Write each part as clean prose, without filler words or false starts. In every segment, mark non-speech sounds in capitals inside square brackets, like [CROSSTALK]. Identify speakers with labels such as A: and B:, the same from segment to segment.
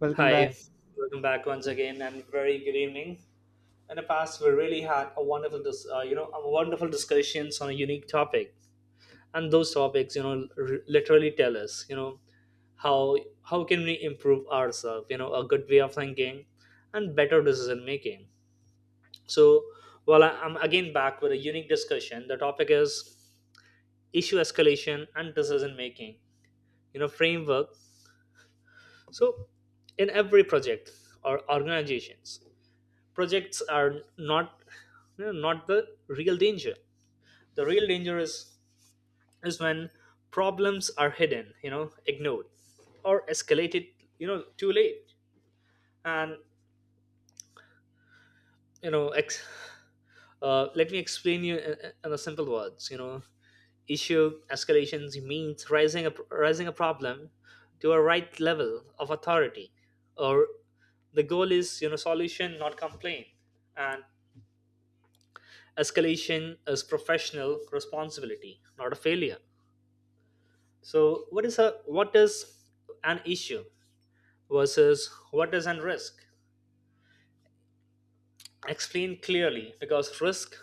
A: Welcome back.
B: Hi, welcome back once again, and very good evening. In the past, we really had a wonderful discussions on a unique topic, and those topics, literally tell us, how how can we improve ourselves, a good way of thinking, and better decision making. So, well, I'm again back with a unique discussion. The topic is issue escalation and decision making framework. So, in every project or organizations. Projects are not you know, not the real danger. The real danger is when problems are hidden, ignored, or escalated too late. And you know ex- Let me explain you in a simple words. Issue escalations means raising a problem to a right level of authority. Or the goal is, solution, not complaint. And escalation is professional responsibility, not a failure. So what is an issue versus what is an risk? Explain clearly, because risk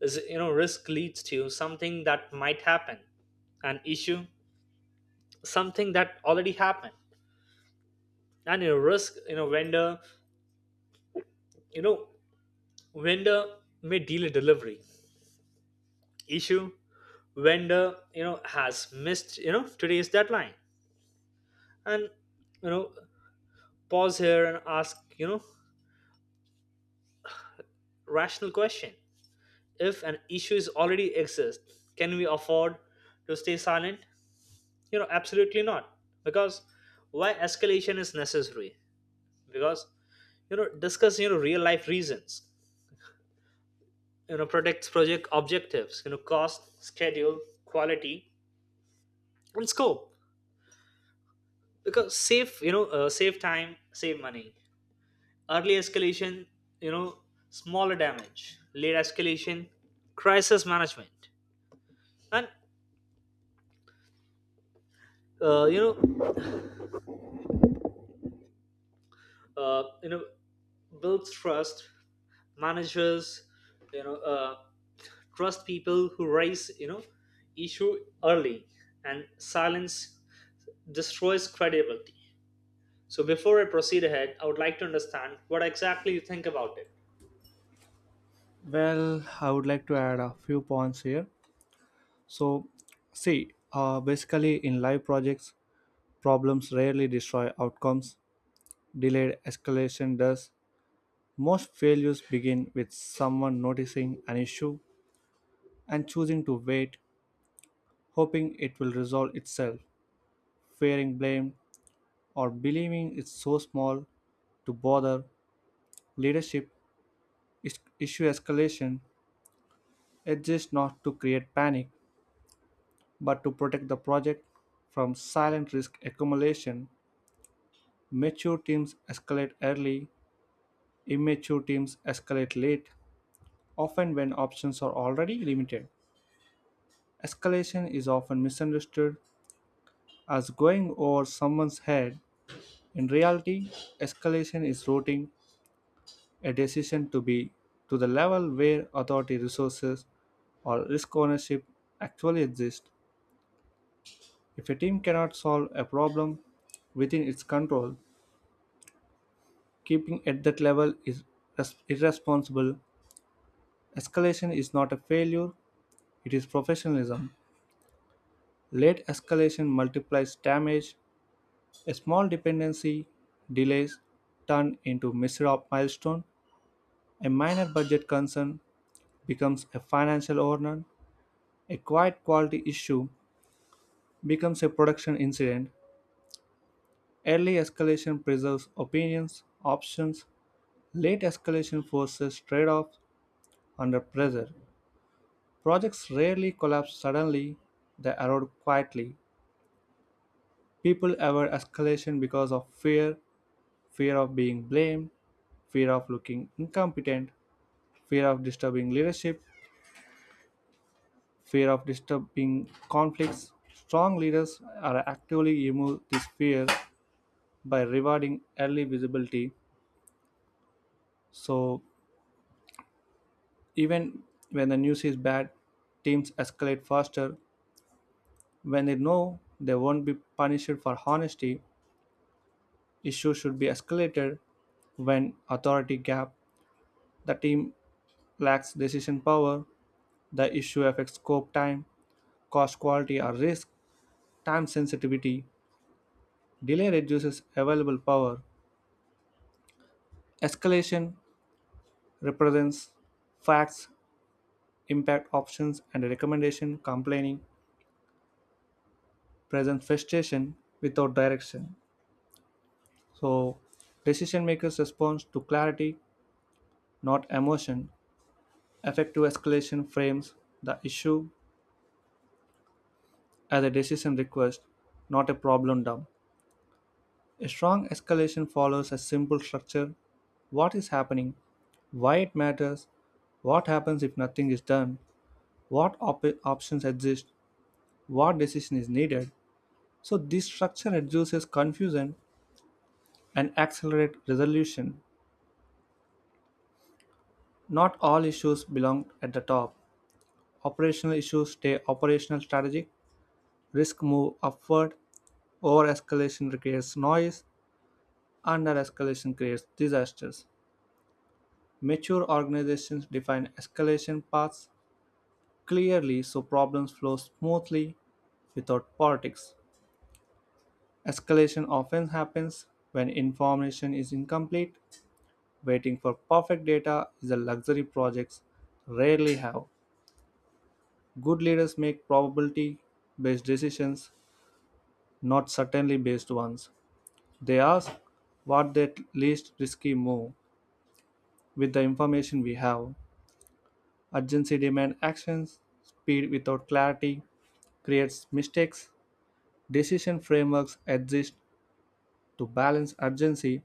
B: is you know risk leads to something that might happen. An issue, something that already happened. And you know Risk, vendor you know vendor may delay delivery. Issue, vendor has missed today's deadline. And you know Pause here and ask rational question. If an issue is already exists, can we afford to stay silent? Absolutely not. Because why escalation is necessary, because, discuss, real life reasons. Protects project objectives, cost, schedule, quality, and scope. Because save, save time, save money. Early escalation, you know smaller damage. Late escalation, crisis management. And uh, you know uh, you know builds trust. Managers, you know uh, trust people who raise, issue early. And silence destroys credibility. So before I proceed ahead, I would like to understand what exactly you think about it.
A: Well, I would like to add a few points here. So, see, basically in live projects, problems rarely destroy outcomes. Delayed escalation does. Most failures begin with someone noticing an issue and choosing to wait, hoping it will resolve itself, fearing blame, or believing it's so small to bother. Leadership is issue escalation exists not to create panic, but to protect the project from silent risk accumulation. Mature teams escalate early, immature teams escalate late, often when options are already limited. Escalation is often misunderstood as going over someone's head. In reality, escalation is routing a decision to be to the level where authority resources or risk ownership actually exist. If a team cannot solve a problem within its control, keeping at that level is irresponsible. Escalation is not a failure, it is professionalism. Late escalation multiplies damage. A small dependency delays turn into milestone. A minor budget concern becomes a financial overrun. A quiet quality issue becomes a production incident. Early escalation preserves opinions, options. Late escalation forces trade-offs under pressure. Projects rarely collapse suddenly, they erode quietly. People avoid escalation because of fear, fear of being blamed, fear of looking incompetent, fear of disturbing leadership, fear of disturbing conflicts. Strong leaders are actively remove this fear by rewarding early visibility. So, even when the news is bad, teams escalate faster when they know they won't be punished for honesty. Issues should be escalated when authority gap. The team lacks decision power. The issue affects scope time, cost quality or risk, time sensitivity. Delay reduces available power. Escalation represents facts, impact options and recommendation complaining presents frustration without direction. So, decision makers respond to clarity, not emotion. Effective escalation frames the issue as a decision request, not a problem dump. A strong escalation follows a simple structure: what is happening, why it matters, what happens if nothing is done, what options exist, what decision is needed. So, this structure reduces confusion and accelerates resolution. Not all issues belong at the top. Operational issues stay operational strategic, risk move upward, over escalation creates noise, under escalation creates disasters. Mature organizations define escalation paths clearly so problems flow smoothly without politics. Escalation often happens when information is incomplete. Waiting for perfect data is a luxury projects rarely have. Good leaders make probability based decisions, not certainly based ones. They ask what the least risky move with the information we have. Urgency demand actions, speed without clarity, creates mistakes, decision frameworks exist to balance urgency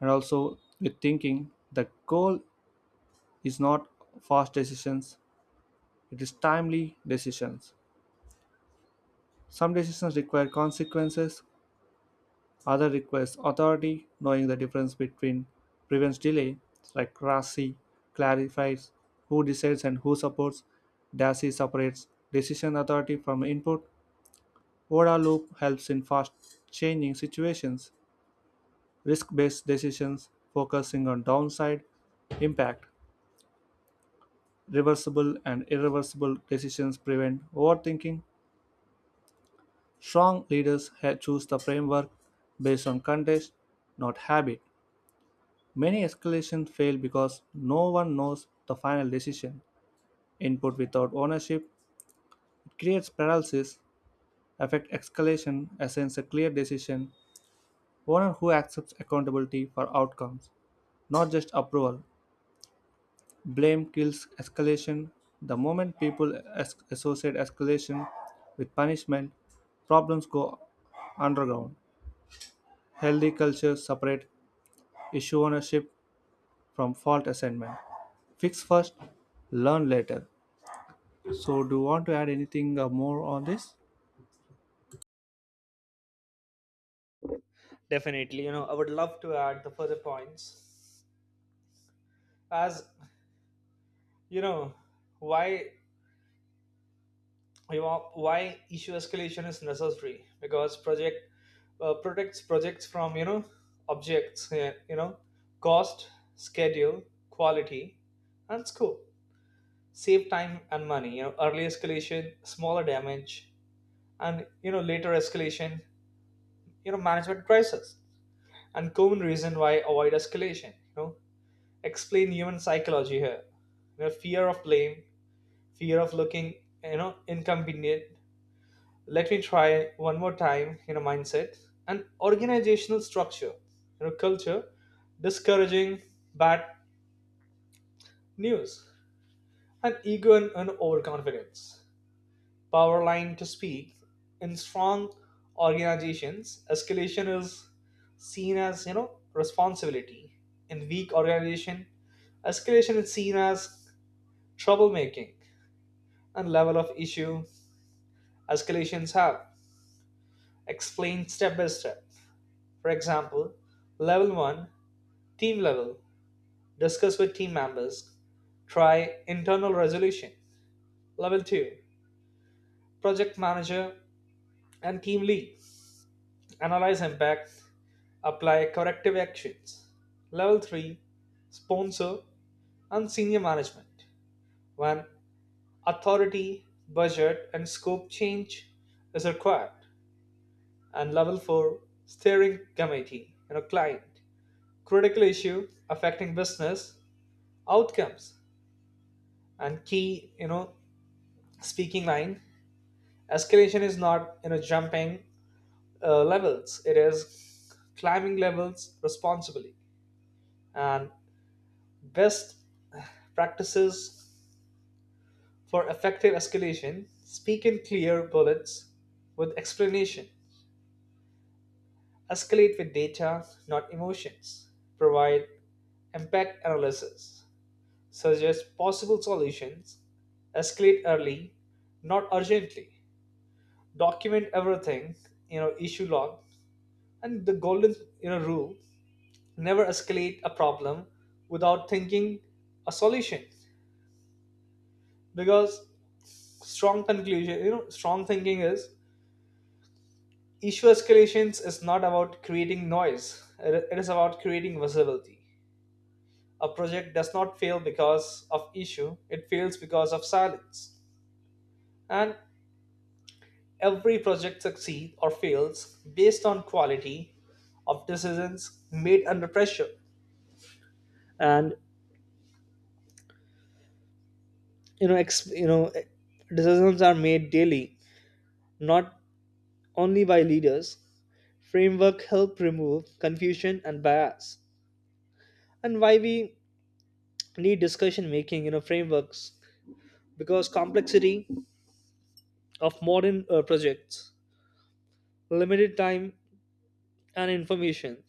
A: and also with thinking. The goal is not fast decisions, it is timely decisions. Some decisions require consequences, other requires authority, knowing the difference between prevents delay, like RASI clarifies who decides and who supports, DASI separates decision authority from input, ODA loop helps in fast changing situations. Risk based decisions focusing on downside impact. Reversible and irreversible decisions prevent overthinking. Strong leaders choose the framework based on context, not habit. Many escalations fail because no one knows the final decision. Input without ownership creates paralysis, affect escalation, assigns a clear decision, owner who accepts accountability for outcomes, not just approval. Blame kills escalation. The moment people associate escalation with punishment, problems go underground. Healthy cultures separate issue ownership from fault assignment. Fix first, learn later. So, do you want to add anything more on this?
B: Definitely, I would love to add the further points. As you know why you know why issue escalation is necessary, because project, protects projects from, objects, cost, schedule, quality, and scope. Save time and money, early escalation smaller damage, and, later escalation, management crisis. And common reason why avoid escalation, explain human psychology here. Fear of blame, fear of looking, inconvenient. Let me try one more time, mindset and organizational structure, culture discouraging bad news, and ego and overconfidence. Power line to speak. In strong organizations, escalation is seen as, responsibility. In weak organization, escalation is seen as troublemaking. And level of issue escalations have explained step by step. For example, level 1, team level, discuss with team members, try internal resolution. Level 2, project manager and team lead, analyze impact, apply corrective actions. Level 3, sponsor and senior management, when authority, budget, and scope change is required. And level 4, steering committee, client, critical issue affecting business outcomes, and key, speaking line. Escalation is not, jumping, levels, it is climbing levels responsibly. And best practices for effective escalation, speak in clear bullets with explanation. Escalate with data, not emotions. Provide impact analysis, suggest possible solutions. Escalate early, not urgently. Document everything, issue log. And the golden, rule, never escalate a problem without thinking a solution. Because strong conclusion, strong thinking is, issue escalations is not about creating noise, it is about creating visibility. A project does not fail because of issue, it fails because of silence. And every project succeeds or fails based on quality of decisions made under pressure. And you know ex- you know eh, Decisions are made daily, not only by leaders. Framework help remove confusion and bias. And why we need discussion making, frameworks, because complexity of modern, projects, limited time and information,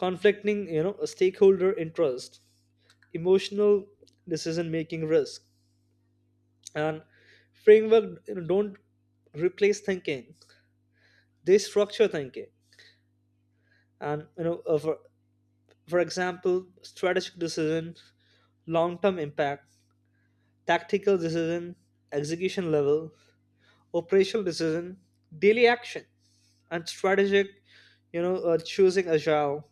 B: conflicting, stakeholder interest, emotional decision making risk. And framework, don't replace thinking, they structure thinking. And, for example, strategic decision, long term impact, tactical decision, execution level, operational decision, daily action. And strategic, choosing agile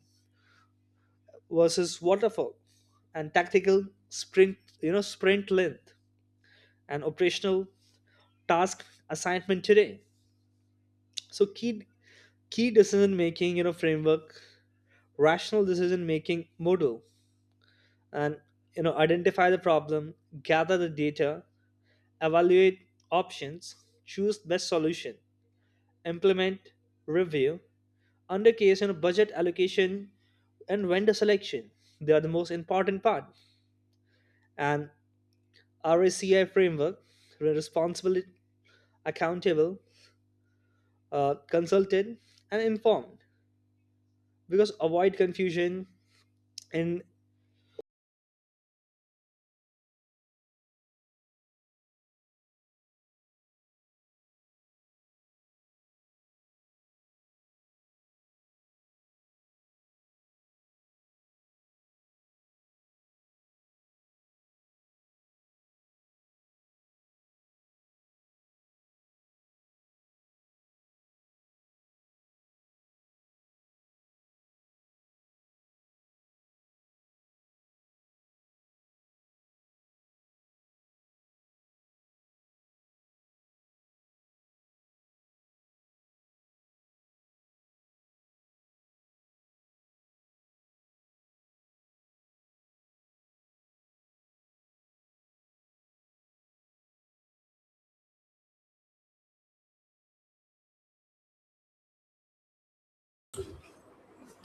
B: versus waterfall. And tactical sprint, sprint length. And operational, task assignment today. So key decision making, framework, rational decision making model. And, identify the problem, gather the data, evaluate options, choose best solution, implement, review. Under case, budget allocation and vendor selection, they are the most important part. And RACI framework, responsible, accountable, consulted, and informed. Because avoid confusion in.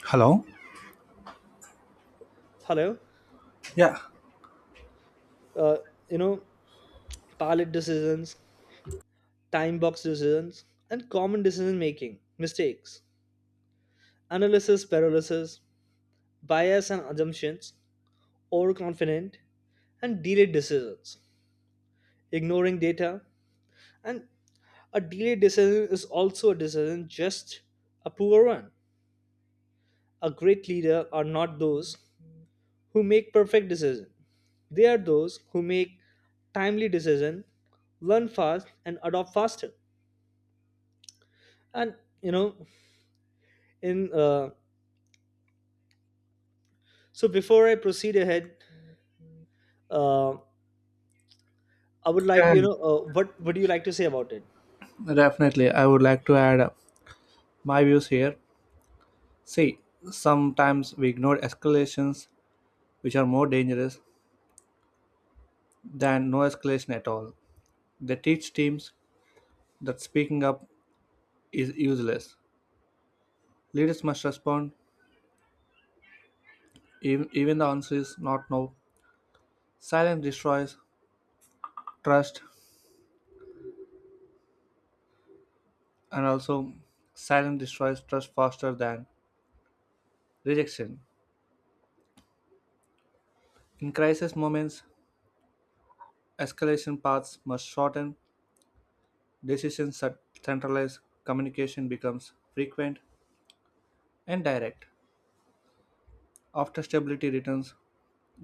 A: Hello?
B: Hello.
A: Yeah.
B: uh, you know Pilot decisions, time box decisions, and common decision making mistakes, analysis paralysis, bias and assumptions, overconfident, and delayed decisions, ignoring data. And a delayed decision is also a decision, just a poor one. A great leader are not those who make perfect decisions. They are those who make timely decisions, learn fast, and adopt faster. And, you know, in so before I proceed ahead, Uh, I would like,
A: Yeah.
B: what would you like to say about it?
A: Definitely, I would like to add my views here. See, sometimes we ignore escalations which are more dangerous than no escalation at all. They teach teams that speaking up is useless. Leaders must respond even the answer is not no. Silence destroys trust, and also silence destroys trust faster than rejection. In crisis moments, escalation paths must shorten, decisions are centralized, communication becomes frequent and direct. After stability returns,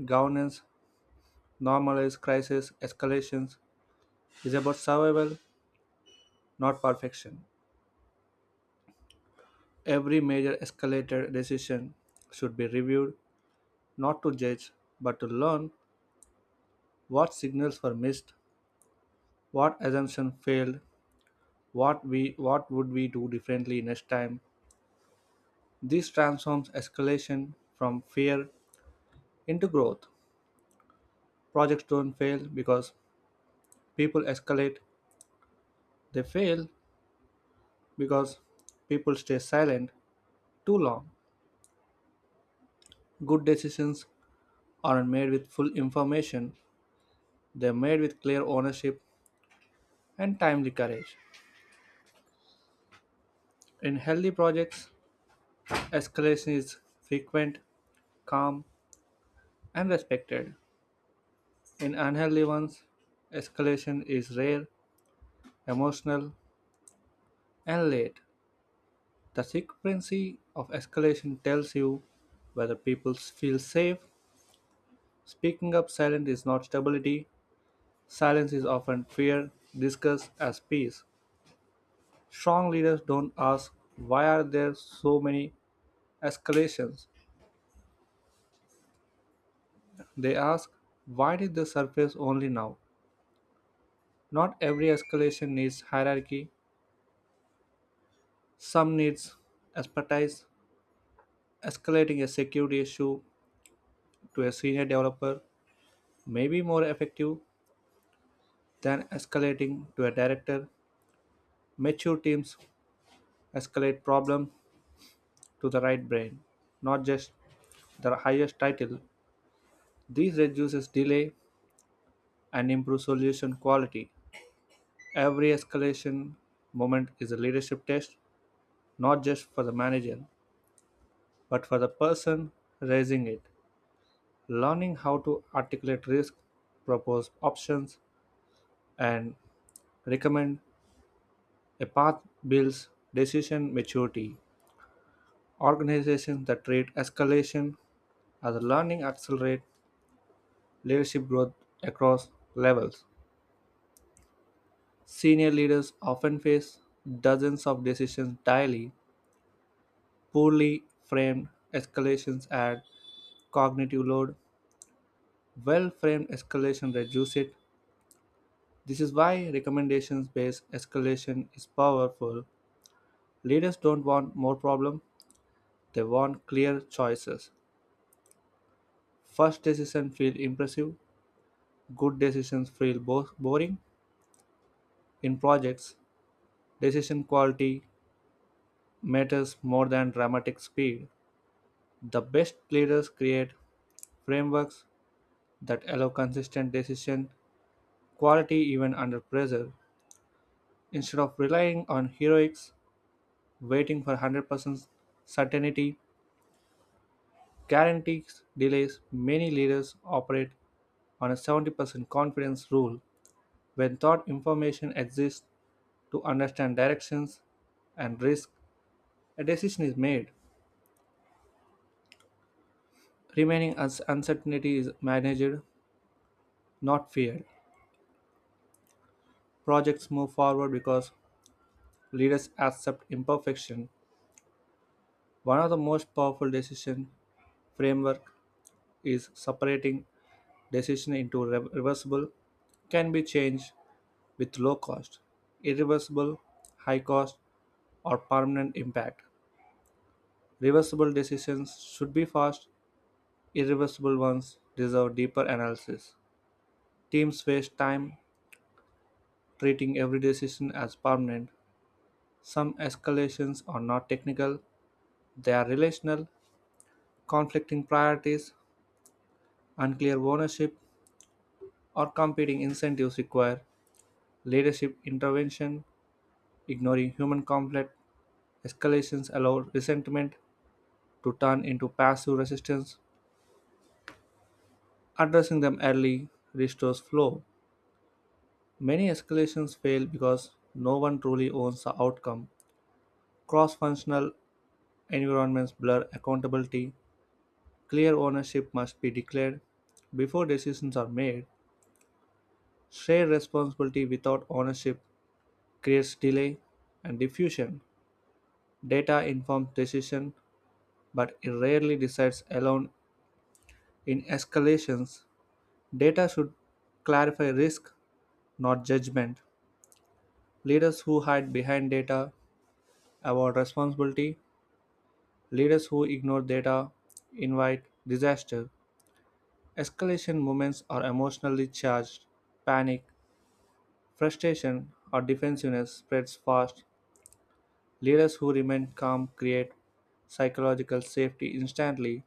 A: governance normalizes crisis escalations is about survival, not perfection. Every major escalator decision should be reviewed, not to judge, but to learn what signals were missed, what assumption failed, what we what would we do differently next time. This transforms escalation from fear into growth. Projects don't fail because people escalate, they fail because people stay silent too long. Good decisions aren't made with full information, they're made with clear ownership and timely courage. In healthy projects, escalation is frequent, calm, and respected. In unhealthy ones, escalation is rare, emotional, and late. The frequency of escalation tells you whether people feel safe. Speaking up silent is not stability. Silence is often fear, discussed as peace. Strong leaders don't ask why are there so many escalations. They ask why did they surface only now? Not every escalation needs hierarchy, some needs expertise. Escalating a security issue to a senior developer may be more effective than escalating to a director. Mature teams escalate problems to the right brain, not just the highest title. This reduces delay and improves solution quality. Every escalation moment is a leadership test, not just for the manager, but for the person raising it. Learning how to articulate risk, propose options, and recommend a path builds decision maturity. Organizations that treat escalation as learning accelerate leadership growth across levels. Senior leaders often face dozens of decisions daily. Poorly framed escalations add cognitive load. Well framed escalation reduce it. This is why recommendations based escalation is powerful. Leaders don't want more problems, they want clear choices. Fast decisions feel impressive, good decisions feel boring. In projects, decision quality matters more than dramatic speed. The best leaders create frameworks that allow consistent decision quality even under pressure. Instead of relying on heroics, waiting for 100% certainty, guarantees delays, many leaders operate on a 70% confidence rule. When thought information exists to understand directions and risk, a decision is made. Remaining as uncertainty is managed, not feared. Projects move forward because leaders accept imperfection. One of the most powerful decision framework is separating decision into reversible can be changed with low cost, irreversible, high cost, or permanent impact. Reversible decisions should be fast, irreversible ones deserve deeper analysis. Teams waste time treating every decision as permanent. Some escalations are not technical, they are relational, conflicting priorities, unclear ownership, or competing incentives require leadership intervention, ignoring human conflict. Escalations allow resentment to turn into passive resistance. Addressing them early restores flow. Many escalations fail because no one truly owns the outcome. Cross-functional environments blur accountability. Clear ownership must be declared before decisions are made. Shared responsibility without ownership creates delay and diffusion. Data informs decision, but it rarely decides alone in escalations. Data should clarify risk, not judgment. Leaders who hide behind data avoid responsibility. Leaders who ignore data invite disaster. Escalation moments are emotionally charged. Panic, frustration, or defensiveness spreads fast. Leaders who remain calm create psychological safety instantly.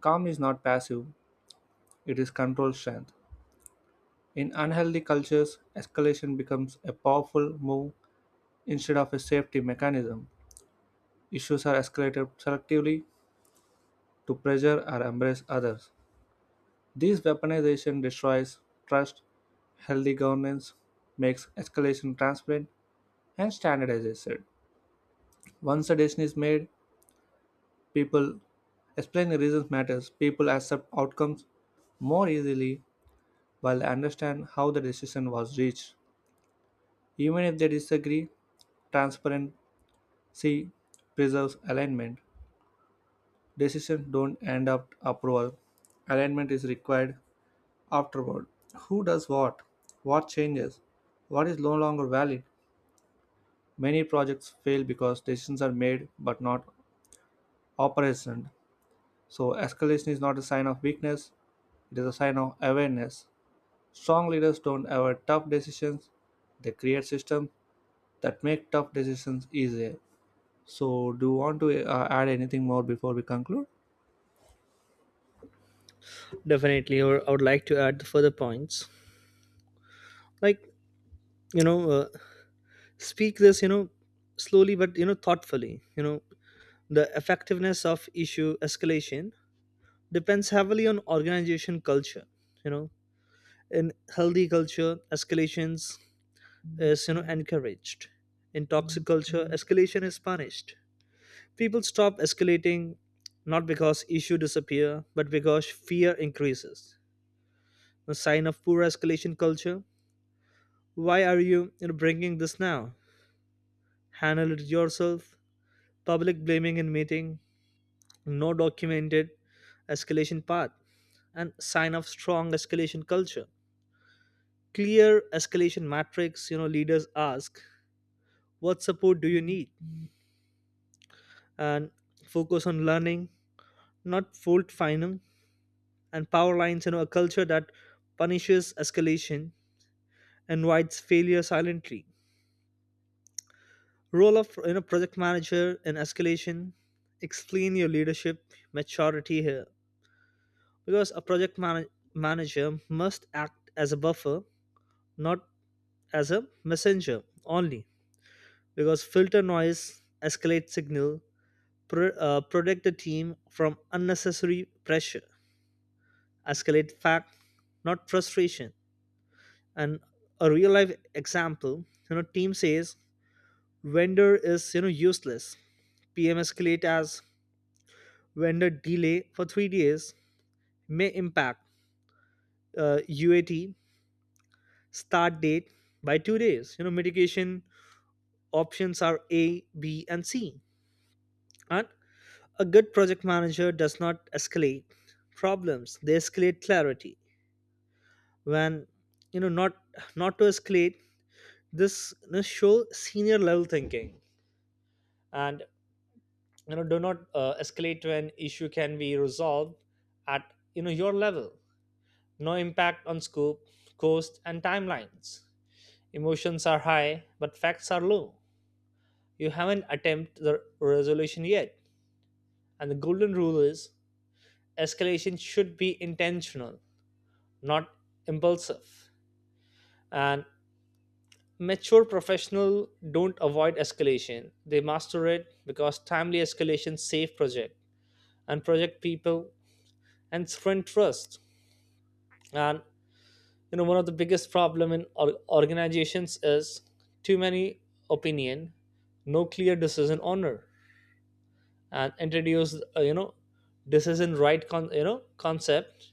A: Calm is not passive, it is control strength. In unhealthy cultures, escalation becomes a powerful move instead of a safety mechanism. Issues are escalated selectively to pressure or embrace others. This weaponization destroys trust. Healthy governance makes escalation transparent and standard. As I said, once a decision is made, people explain the reasons matters, people accept outcomes more easily while they understand how the decision was reached, even if they disagree. Transparency preserves alignment. Decisions don't end up approval, alignment is required afterward: who does what changes, what is no longer valid. Many projects fail because decisions are made but not operational. So, escalation is not a sign of weakness, it is a sign of awareness. Strong leaders don't avoid tough decisions, they create systems that make tough decisions easier. So, do you want to add anything more before we conclude?
B: Definitely, or I would like to add the further points. Like, you know, uh, speak this, slowly but, thoughtfully. The effectiveness of issue escalation depends heavily on organization culture. You know, in healthy culture, escalations is, encouraged. In toxic culture, escalation is punished. People stop escalating not because issue disappear, but because fear increases a sign of poor escalation culture. Why are you bringing this now? Handle it yourself. Public blaming in meeting, no documented escalation path, and sign of strong escalation culture. Clear escalation matrix. Leaders ask, "What support do you need?" and focus on learning, not fault finding. And power lines. A culture that punishes escalation invites failure silently. Role of, project manager in escalation. Explain your leadership maturity here, because a manager must act as a buffer, not as a messenger only. Because filter noise, escalate signal, protect the team from unnecessary pressure. Escalate fact, not frustration. And a real life example, team says vendor is, useless. PM escalate as vendor delay for 3 days may impact, UAT start date by 2 days. Mitigation options are A, B, and C. And a good project manager does not escalate problems; they escalate clarity. When, you know, not not to escalate, this show senior level thinking. And, do not, escalate when issue can be resolved at, your level, no impact on scope, cost and timelines. Emotions are high, but facts are low. You haven't attempted the resolution yet. And the golden rule is escalation should be intentional, not impulsive. And mature professionals don't avoid escalation. They master it because timely escalation save project and project people and strength trust. And, one of the biggest problem in organizations is too many opinion, no clear decision honor. And introduce, decision right, concept.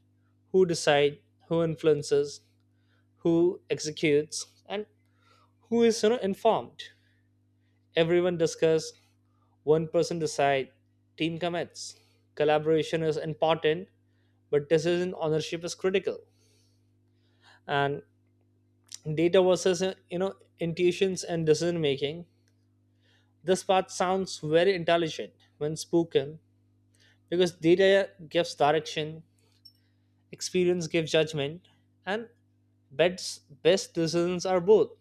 B: Who decide, who influences, who executes, and who is, informed. Everyone discuss, one person decide, team commits. Collaboration is important, but decision ownership is critical. And data versus, intuitions and decision making. This part sounds very intelligent when spoken, because data gives direction. Experience gives judgment, and best decisions are both.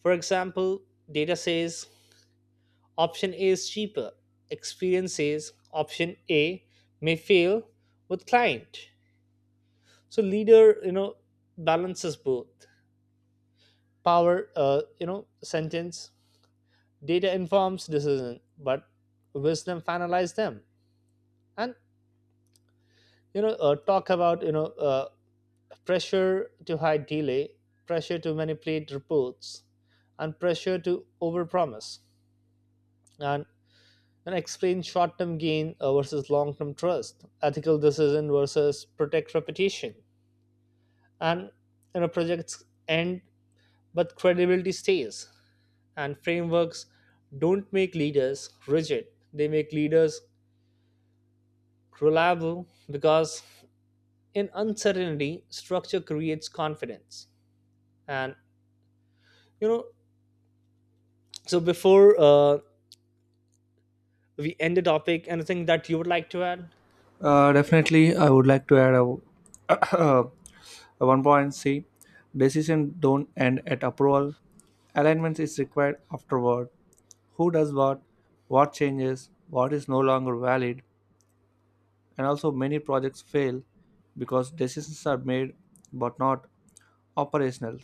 B: For example, data says option A is cheaper. Experience says option A may fail with client. So leader, balances both. Power, sentence. Data informs decision, but wisdom finalizes them. And, you know, talk about you know pressure to hide delay, pressure to manipulate reports, and pressure to overpromise, and and explain short-term gain, versus long-term trust, ethical decision versus protect reputation. And, projects end but credibility stays. And frameworks don't make leaders rigid; they make leaders reliable, because in uncertainty, structure creates confidence. And, you know so before we end the topic, anything that you would like to add?
A: Definitely, I would like to add a, [COUGHS] [CLEARS THROAT] a one point C. Decision don't end at approval. Alignment is required afterward. Who does what? What changes? What is no longer valid? And also many projects fail because decisions are made but not operational.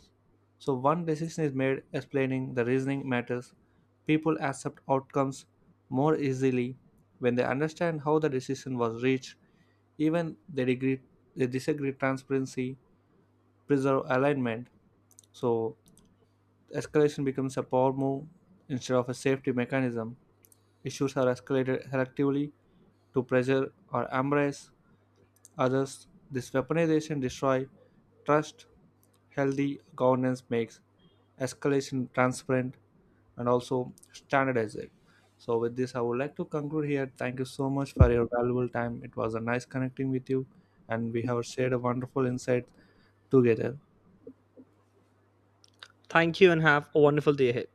A: So one decision is made, explaining the reasoning matters. People accept outcomes more easily when they understand how the decision was reached, even they degree they disagree, transparency preserve alignment. So escalation becomes a power move instead of a safety mechanism. Issues are escalated selectively to pressure or embrace others. This weaponization destroys trust. Healthy governance makes escalation transparent and also standardize it. So, with this, I would like to conclude here. Thank you so much for your valuable time. It was a nice connecting with you, and we have shared a wonderful insight together.
B: Thank you, and have a wonderful day ahead.